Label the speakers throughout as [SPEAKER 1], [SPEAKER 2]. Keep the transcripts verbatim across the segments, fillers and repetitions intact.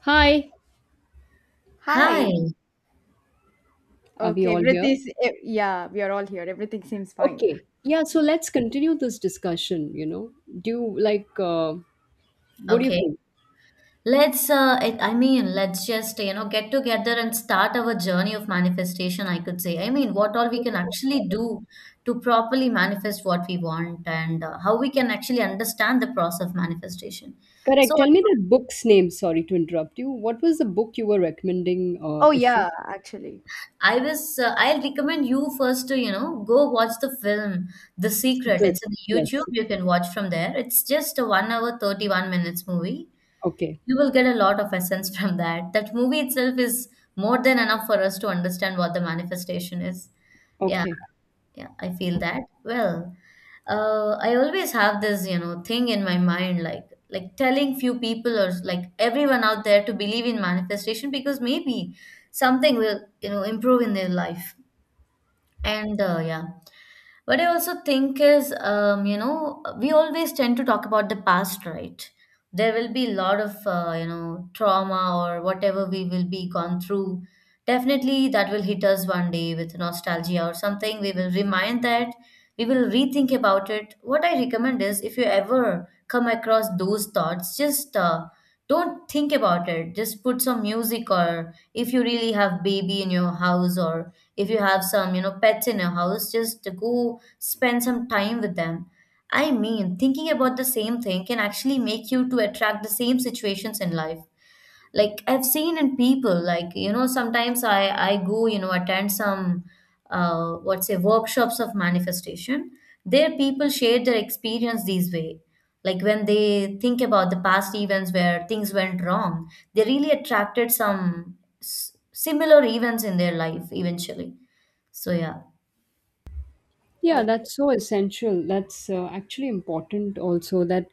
[SPEAKER 1] Hi,
[SPEAKER 2] Hi.
[SPEAKER 3] Hi.
[SPEAKER 1] are we
[SPEAKER 3] Okay,
[SPEAKER 1] all here?
[SPEAKER 3] everything's eh, yeah, we are all here. Everything seems fine.
[SPEAKER 1] Okay, yeah, so let's continue this discussion, you know. Do you like, uh, what do you
[SPEAKER 2] Okay.
[SPEAKER 1] think?
[SPEAKER 2] Let's uh it, I mean, let's just, you know, get together and start our journey of manifestation, I could say. I mean, what all we can actually do to properly manifest what we want and uh, how we can actually understand the process of manifestation. So
[SPEAKER 1] Correct. Tell me that book's name. Sorry to interrupt you. What was the book you were recommending, uh,
[SPEAKER 3] Oh
[SPEAKER 1] if
[SPEAKER 3] yeah, actually.
[SPEAKER 2] I was uh, I'll recommend you first to, you know, go watch the film The Secret.
[SPEAKER 1] Secret?
[SPEAKER 2] It's on YouTube.
[SPEAKER 1] Yes.
[SPEAKER 2] You can watch from there. It's just a one hour thirty-one minutes movie.
[SPEAKER 1] Okay.
[SPEAKER 2] You will get a lot of essence from that. That movie itself is more than enough for us to understand what the manifestation is. Yeah,
[SPEAKER 1] Okay.
[SPEAKER 2] yeah, I feel that. Well, uh, I always have this, you know, thing in my mind, like like telling few people or like everyone out there to believe in manifestation because maybe something will, you know, improve in their life. And uh, yeah, what I also think is, um, you know, we always tend to talk about the past, right? There will be a lot of, uh, you know, trauma or whatever we will be gone through. Definitely that will hit us one day with nostalgia or something. We will remind that, we will rethink about it. What I recommend is if you ever come across those thoughts, just uh, don't think about it. Just put some music or if you really have baby in your house or if you have some you know pets in your house just go spend some time with them. I mean thinking about the same thing can actually make you to attract the same situations in life. Like I've seen in people, like you know sometimes i i go you know attend some uh what's say workshops of manifestation. There people share their experience these way, like when they think about the past events where things went wrong they really attracted some s- similar events in their life eventually. So yeah.
[SPEAKER 1] Yeah,
[SPEAKER 3] Oh.
[SPEAKER 1] that's so essential. That's uh, actually important also that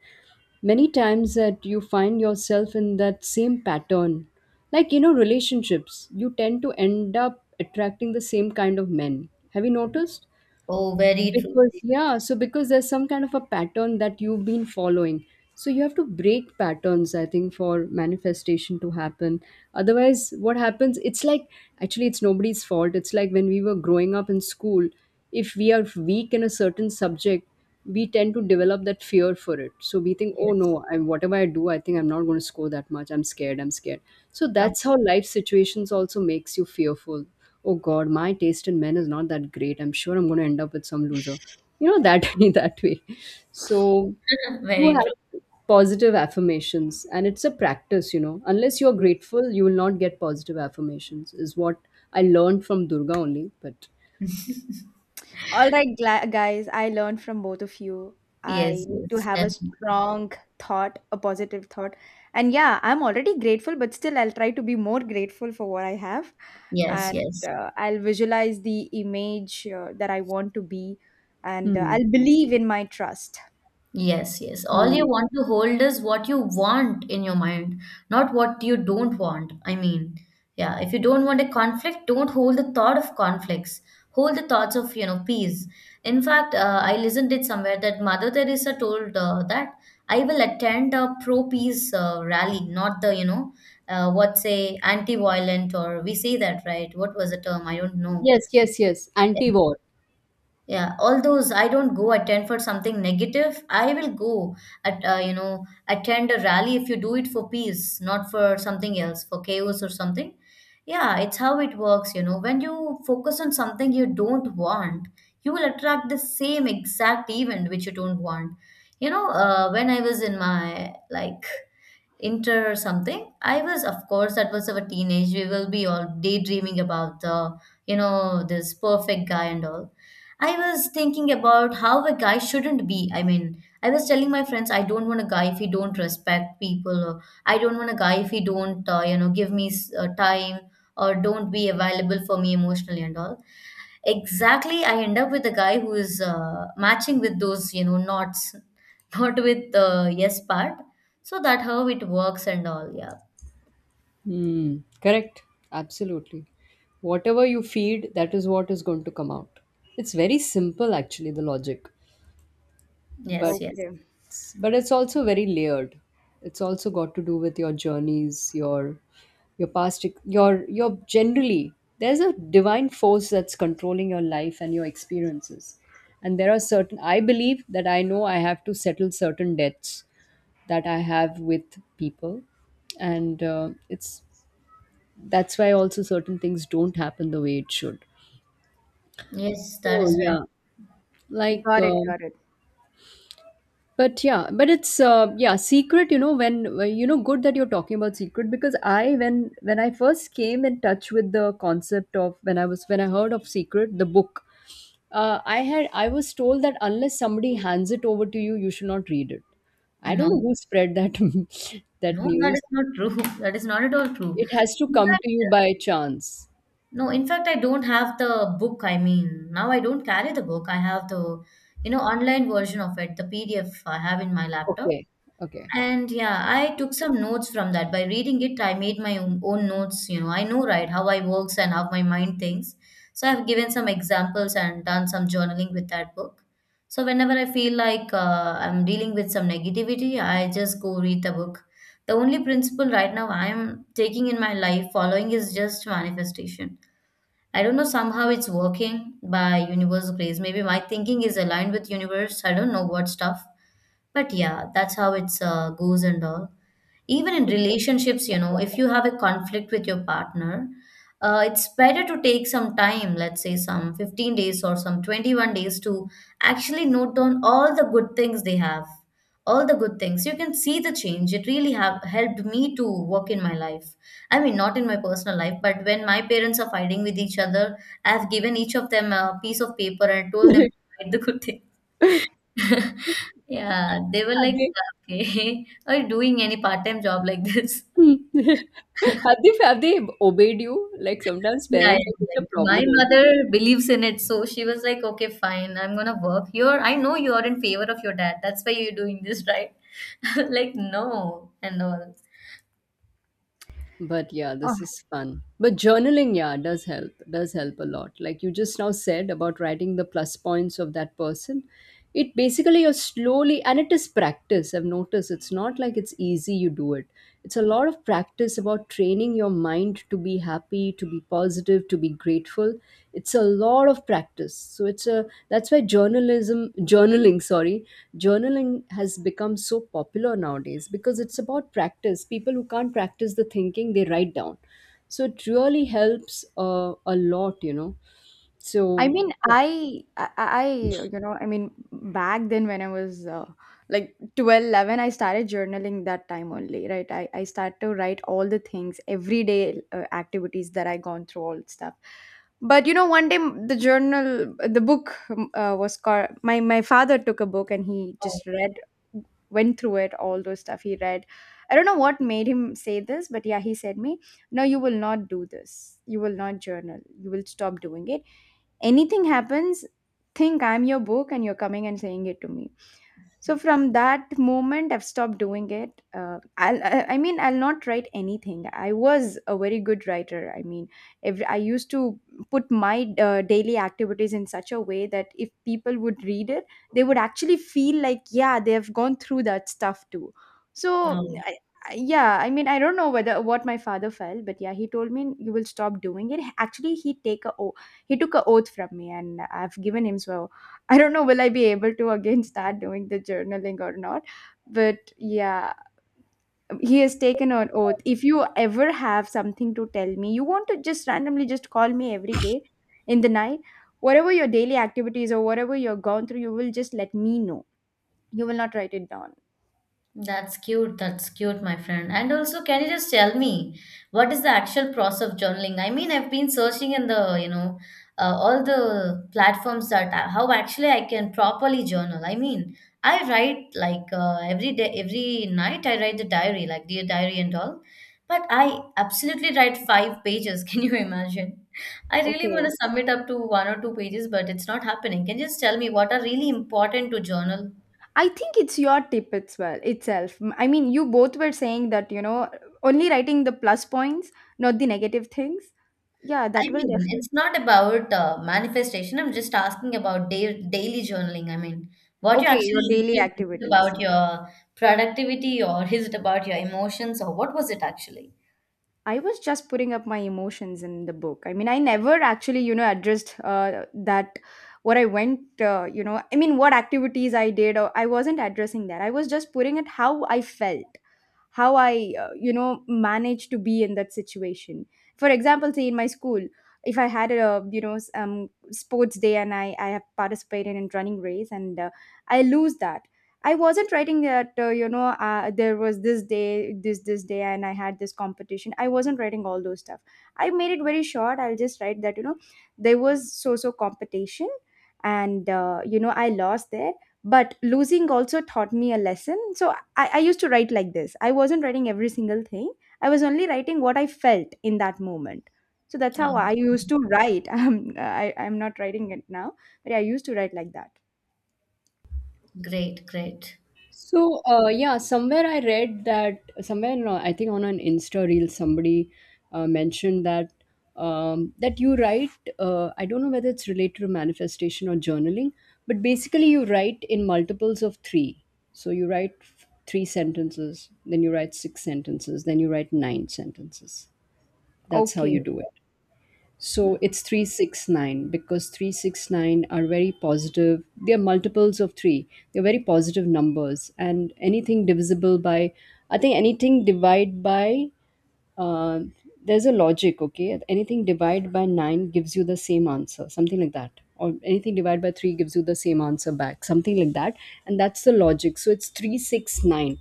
[SPEAKER 1] many times that you find yourself in that same pattern. Like, you know, relationships, you tend to end up attracting the same kind of men. Have you noticed?
[SPEAKER 2] Oh, very true.
[SPEAKER 1] Because, yeah, so because there's some kind of a pattern that you've been following. So you have to break patterns, I think, for manifestation to happen. Otherwise, what happens? It's like, actually, it's nobody's fault. It's like when we were growing up in school, if we are weak in a certain subject, we tend to develop that fear for it. So we think, oh
[SPEAKER 2] Yes.
[SPEAKER 1] no, I, whatever I do, I think I'm not going to score that much. I'm scared. I'm scared. So
[SPEAKER 2] Come.
[SPEAKER 1] that's how life situations also makes you fearful. Oh God, my taste in men is not that great. I'm sure I'm going to end up with some loser. You know that that way. So you
[SPEAKER 2] Very true.
[SPEAKER 1] have positive affirmations, and it's a practice. You know, unless you're
[SPEAKER 2] Yes.
[SPEAKER 1] grateful, you will not get positive affirmations. Is what I learned from Durga only, but.
[SPEAKER 3] All right, gla- guys, I learned from both of you.
[SPEAKER 2] Yes,
[SPEAKER 3] I need to
[SPEAKER 2] yes,
[SPEAKER 3] have a
[SPEAKER 2] definitely.
[SPEAKER 3] strong thought, a positive thought. And yeah, I'm already grateful, but still I'll try to be more grateful for what I have.
[SPEAKER 2] Yes,
[SPEAKER 3] And
[SPEAKER 2] yes.
[SPEAKER 3] uh, I'll visualize the image uh, that I want to be, and uh,
[SPEAKER 1] Hmm.
[SPEAKER 3] I'll believe in my trust.
[SPEAKER 2] Yes, yes. All
[SPEAKER 1] Hmm.
[SPEAKER 2] you want to hold is what you want in your mind, not what you don't want. I mean, yeah, if you don't want a conflict, don't hold the thought of conflicts. Hold the thoughts of, you know, peace. In fact, uh, I listened it somewhere that Mother Teresa told uh, that I will attend a pro-peace uh, rally, not the, you know, uh, what say anti-violent or we say that, right? What was the term? I don't know.
[SPEAKER 1] Yes, yes, yes. Anti-war.
[SPEAKER 2] Yeah, all those I don't go attend for something negative. I will go at uh, you know attend a rally if you do it for peace, not for something else, for chaos or something. Yeah, it's how it works, you know. When you focus on something you don't want, you will attract the same exact event which you don't want. You know, uh, when I was in my like inter or something. I was, of course, that was our teenage. We will be all daydreaming about the, you know, this perfect guy and all. I was thinking about how a guy shouldn't be. I mean, I was telling my friends, I don't want a guy if he don't respect people, or I don't want a guy if he don't, uh, you know, give me s- uh, time or don't be available for me emotionally and all. Exactly, I end up with a guy who is uh, matching with those, you know, knots, not with the yes part. So that how it works and all. Yeah.
[SPEAKER 1] Hmm. Correct. Absolutely. Whatever you feed, that is what is going to come out. It's very simple, actually, the logic, but
[SPEAKER 2] Yes, yes.
[SPEAKER 3] Okay.
[SPEAKER 1] but it's also very layered. It's also got to do with your journeys, your your past, ex- your your generally. There's a divine force that's controlling your life and your experiences, and there are certain. I believe that I know I have to settle certain debts that I have with people, and uh, it's that's why also certain things don't happen the way it should,
[SPEAKER 2] Yes, that
[SPEAKER 1] so
[SPEAKER 2] is right.
[SPEAKER 1] yeah, like
[SPEAKER 3] Got it,
[SPEAKER 1] uh,
[SPEAKER 3] got it.
[SPEAKER 1] but yeah, but it's uh, yeah, secret, you know when uh, you know good that you're talking about secret, because I when when I first came in touch with the concept of when i was when I heard of Secret the book, uh, i had i was told that unless somebody hands it over to you, you should not read it. I don't
[SPEAKER 2] No,
[SPEAKER 1] know who spread that that
[SPEAKER 2] no, that
[SPEAKER 1] news.
[SPEAKER 2] is not true. That is not at all true.
[SPEAKER 1] It has to
[SPEAKER 2] In
[SPEAKER 1] come
[SPEAKER 2] fact,
[SPEAKER 1] to you by chance.
[SPEAKER 2] no, in fact, I don't have the book. I mean, now I don't carry the book. I have the, you know, online version of it, the P D F I have in my laptop.
[SPEAKER 1] Okay. Okay.
[SPEAKER 2] And yeah, I took some notes from that. By reading it, I made my own, own notes. You know, I know, right, how I works and how my mind thinks. So I've given some examples and done some journaling with that book. So whenever I feel like uh, I'm dealing with some negativity, I just go read the book. The only principle right now I'm taking in my life following is just manifestation. I don't know, somehow it's working by universe grace. Maybe my thinking is aligned with universe. I don't know what stuff but yeah, that's how it's uh, goes and all. Even in relationships, you know, if you have a conflict with your partner, uh, it's better to take some time, let's say some fifteen days or some twenty-one days to actually note down all the good things they have, all the good things. You can see the change. It really have helped me to work in my life. I mean, not in my personal life, but when my parents are fighting with each other, I have given each of them a piece of paper and told them to write the good thing. Yeah, they were
[SPEAKER 1] have
[SPEAKER 2] like,
[SPEAKER 1] they
[SPEAKER 2] okay, are you doing any part-time job like this?
[SPEAKER 1] Hmm. Have they have they obeyed you? Like sometimes
[SPEAKER 2] Yeah, yeah,
[SPEAKER 1] parents are such a
[SPEAKER 2] like my
[SPEAKER 1] problem only.
[SPEAKER 2] mother believes in it, so she was like, okay, fine, I'm gonna work here. I know you are in favor of your dad, that's why you're doing this, right? Like, no, and all.
[SPEAKER 1] But yeah, this is fun. But journaling, yeah, does help. Does help a lot. Like you just now said about writing the plus points of that person. It basically you're slowly, and it is practice. I've noticed it's not like it's easy you do it. It's a lot of practice about training your mind to be happy, to be positive, to be grateful. It's a lot of practice. So it's a that's why journalism journaling, sorry, journaling has become so popular nowadays, because it's about practice. People who can't practice the thinking they write down, so it really helps uh, a lot, you know.
[SPEAKER 3] I
[SPEAKER 1] So
[SPEAKER 3] mean,
[SPEAKER 1] yeah.
[SPEAKER 3] I, I, I, you know, I mean, back then when I was uh, like twelve, eleven, I started journaling that time only, right? I, I start to write all the things, everyday uh, activities that I gone through, all stuff. But you know, one day m- the journal, the book um, uh, was called. My my father took a book and he
[SPEAKER 2] Oh,
[SPEAKER 3] just read, went through it, all those stuff he read. I don't know what made him say this, but yeah, he said me, "No, you will not do this. You will not journal. You will stop doing it." Anything happens, think I'm your book and you're coming and saying it to me. So from that moment, I've stopped doing it. Uh, I'll, I I mean, I'll not write anything. I was a very good writer. I mean, every, I used to put my uh, daily activities in such a way that if people would read it, they would actually feel like, yeah, they have gone through that stuff too. So,
[SPEAKER 2] no.
[SPEAKER 3] I, I- yeah, I mean, I don't know whether what my father felt, but yeah, he told me you will stop doing it. Actually, he take a o- he took a oath from me, and I've given him. So I don't know will I be able to again start doing the journaling or not. But yeah, he has taken an oath. If you ever have something to tell me, you want to just randomly just call me every day in the night, whatever your daily activities or whatever you're gone through, you will just let me know. You will not write it down.
[SPEAKER 2] That's cute. That's cute, my friend. And also, can you just tell me what is the actual process of journaling? I mean, I've been searching in the, you know, uh, all the platforms that I- how actually I can properly journal. I mean, I write like uh, every day, every night I write the diary, like dear diary and all. But I absolutely write five pages. Can you imagine? I really want
[SPEAKER 3] Okay.
[SPEAKER 2] to sum it up to one or two pages, but it's not happening. Can you just tell me what are really important to journal?
[SPEAKER 3] I think it's your tip as well itself. M- I mean, you both were saying that, you know, only writing the plus points, not the negative things. Yeah,
[SPEAKER 2] I
[SPEAKER 3] that will
[SPEAKER 2] mean,
[SPEAKER 3] definitely.
[SPEAKER 2] it's not about uh, manifestation. I'm just asking about da- daily journaling. I mean, what you
[SPEAKER 3] Okay, your
[SPEAKER 2] actually
[SPEAKER 3] daily
[SPEAKER 2] include. Is it
[SPEAKER 3] activities.
[SPEAKER 2] about your productivity or is it about your emotions or what was it actually?
[SPEAKER 3] I was just putting up my emotions in the book. I mean, I never actually, you know, addressed uh, that what I went, uh, you know, I mean, what activities I did. Or I wasn't addressing that. I was just putting it how I felt, how I, uh, you know, managed to be in that situation. For example, say in my school, if I had a, you know, s- um, sports day and I, I have participated in running race and uh, I lose that. I wasn't writing that, uh, you know, uh, there was this day, this, this day, and I had this competition. I wasn't writing all those stuff. I made it very short. I'll just write that, you know, there was so so competition, and, uh, you know, I lost there. But losing also taught me a lesson. So I, I used to write like this. I wasn't writing every single thing, I was only writing what I felt in that moment. So that's
[SPEAKER 2] Okay.
[SPEAKER 3] how I used to write. I'm, I, I'm not writing it now, but I used to write like that.
[SPEAKER 2] Great, great.
[SPEAKER 1] So, uh, yeah, somewhere I read that somewhere, no, I think on an Insta reel somebody uh, mentioned that um, that you write. Uh, I don't know whether it's related to manifestation or journaling, but basically you write in multiples of three. So you write f- three sentences, then you write six sentences, then you write nine sentences. That's how you
[SPEAKER 3] Okay.
[SPEAKER 1] do it. So
[SPEAKER 3] Mhm.
[SPEAKER 1] it's three six nine, because three six nine are very positive. They are multiples of three. They're very positive numbers. And anything divisible by, I think anything divide by uh, there's a logic. Okay, anything divided by nine gives you the same answer, something like that, or anything divided by three gives you the same answer back, something like that. And that's the logic, so it's three six nine,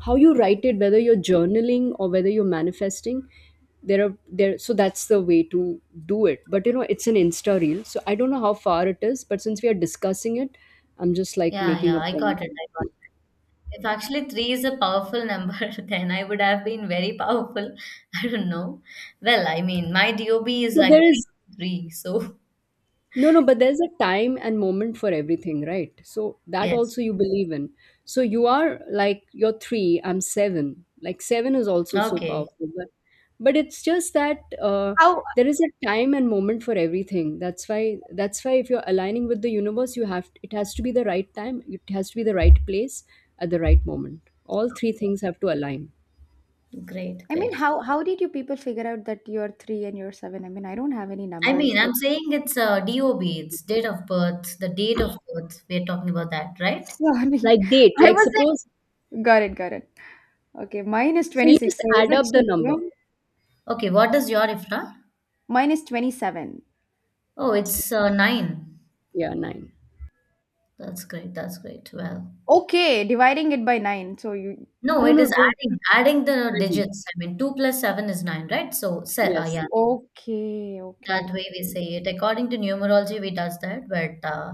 [SPEAKER 1] how you write it, whether you're journaling or whether you're manifesting. There are there, so that's the way to do it. But you know, it's an Insta reel, so I don't know how far it is, but since we are discussing it, I'm just like
[SPEAKER 2] Yeah,
[SPEAKER 1] making
[SPEAKER 2] yeah,
[SPEAKER 1] a
[SPEAKER 2] I
[SPEAKER 1] point,
[SPEAKER 2] got it. I got it. If actually three is a powerful number, then I would have been very powerful. I don't know. Well, I mean, my D O B is
[SPEAKER 1] but
[SPEAKER 2] like
[SPEAKER 1] there
[SPEAKER 2] three,
[SPEAKER 1] is.
[SPEAKER 2] three. So,
[SPEAKER 1] No, no, but there's a time and moment for everything, right? So that
[SPEAKER 2] yes.
[SPEAKER 1] also you believe in. So you are like you're three, I'm seven. Like seven is also so
[SPEAKER 2] Okay.
[SPEAKER 1] powerful, but but it's just that uh,
[SPEAKER 3] How
[SPEAKER 1] there is a time and moment for everything. That's why that's why if you're aligning with the universe, you have it has to be the right time. It has to be the right place at the right moment. All three things have to align.
[SPEAKER 2] Great,
[SPEAKER 3] I mean,
[SPEAKER 2] great.
[SPEAKER 3] how how did you people figure out that you're three and you're seven? I mean, I don't have any
[SPEAKER 2] I
[SPEAKER 3] numbers.
[SPEAKER 2] mean,
[SPEAKER 3] But
[SPEAKER 2] I'm saying it's uh, D O B, it's date of birth, the date of birth. We're talking about that, right?
[SPEAKER 3] sorry,
[SPEAKER 1] Like date,
[SPEAKER 3] I
[SPEAKER 1] like
[SPEAKER 3] was
[SPEAKER 1] suppose.
[SPEAKER 3] like, got it, got it. Okay, mine is
[SPEAKER 1] So
[SPEAKER 3] twenty
[SPEAKER 1] you
[SPEAKER 3] six.
[SPEAKER 1] just
[SPEAKER 3] So is
[SPEAKER 1] add
[SPEAKER 3] it
[SPEAKER 1] up the number.
[SPEAKER 3] children?
[SPEAKER 2] Okay, what is your IFRA?
[SPEAKER 3] Mine is twenty seven.
[SPEAKER 2] Oh, it's uh, nine.
[SPEAKER 1] Yeah, nine.
[SPEAKER 2] That's great. That's great. Well,
[SPEAKER 3] Okay, dividing it by nine. So you
[SPEAKER 2] no,
[SPEAKER 1] No,
[SPEAKER 2] it
[SPEAKER 1] no,
[SPEAKER 2] is
[SPEAKER 1] don't.
[SPEAKER 2] adding adding the
[SPEAKER 1] I think.
[SPEAKER 2] digits. I mean, two plus seven is nine, right? So, se uh,
[SPEAKER 1] Yes.
[SPEAKER 2] yeah,
[SPEAKER 3] okay, okay,
[SPEAKER 2] that way we
[SPEAKER 3] okay.
[SPEAKER 2] say it. According to numerology, we does that. But uh,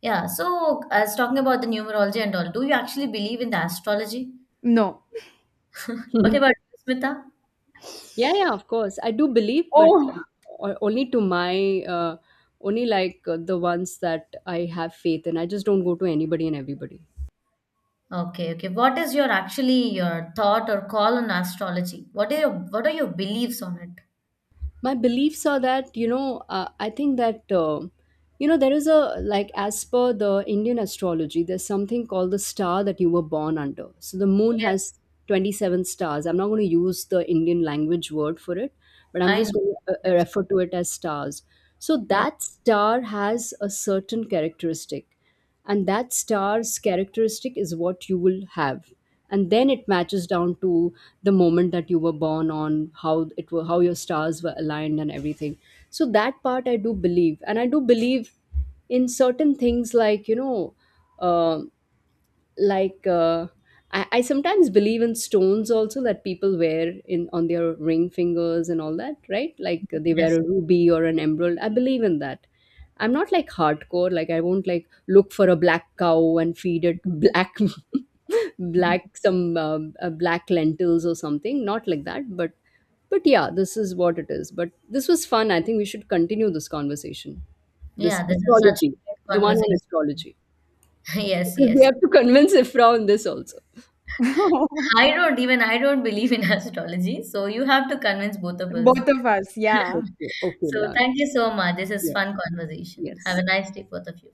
[SPEAKER 2] yeah, so as talking about the numerology and all, do you actually believe in the astrology?
[SPEAKER 3] No.
[SPEAKER 2] What about you, Smita?
[SPEAKER 1] Yeah, yeah, of course. I do believe, but
[SPEAKER 3] Oh,
[SPEAKER 1] uh, o- only to my, uh, only like uh, the ones that I have faith in. I just don't go to anybody and everybody.
[SPEAKER 2] Okay, okay. What is your actually your thought or call on astrology? What are your what are your beliefs on it?
[SPEAKER 1] My beliefs are that, you know, uh, I think that um you know, there is a like as per the Indian astrology, there's something called the star that you were born under. So the moon
[SPEAKER 2] Yes.
[SPEAKER 1] has twenty-seven stars. I'm not going to use the Indian language word for it, but I'm
[SPEAKER 2] I know.
[SPEAKER 1] just going to uh, uh,
[SPEAKER 2] Yes.
[SPEAKER 1] refer to it as stars. So
[SPEAKER 2] Yeah.
[SPEAKER 1] that star has a certain characteristic, and that star's characteristic is what you will have, and then it matches down to the moment that you were born on, how it were how your stars were aligned and everything. So that part I do believe, and I do believe in certain things, like, you know, uh, like uh, I, I sometimes believe in stones also that people wear in on their ring fingers and all that, right? Like they wear
[SPEAKER 2] Yes.
[SPEAKER 1] a ruby or an emerald, I believe in that. I'm not like hardcore, like I won't like look for a black cow and feed it black black some um, uh, black lentils or something. Not like that, but but yeah, this is what it is. But this was fun. I think we should continue this conversation, this
[SPEAKER 2] Yeah. This is such a
[SPEAKER 1] astrology,
[SPEAKER 2] great
[SPEAKER 1] the one on
[SPEAKER 2] conversation.
[SPEAKER 1] astrology,
[SPEAKER 2] Yes.
[SPEAKER 1] because we
[SPEAKER 2] Yes.
[SPEAKER 1] have to convince Ifra on this also.
[SPEAKER 2] I don't even I don't believe in astrology, so you have to convince both of us.
[SPEAKER 3] both of us. Yeah.
[SPEAKER 1] Okay, okay,
[SPEAKER 2] So
[SPEAKER 1] done.
[SPEAKER 2] thank you so much. This is
[SPEAKER 1] Yes,
[SPEAKER 2] fun conversation. Have
[SPEAKER 1] yes.
[SPEAKER 2] a nice day, both of you.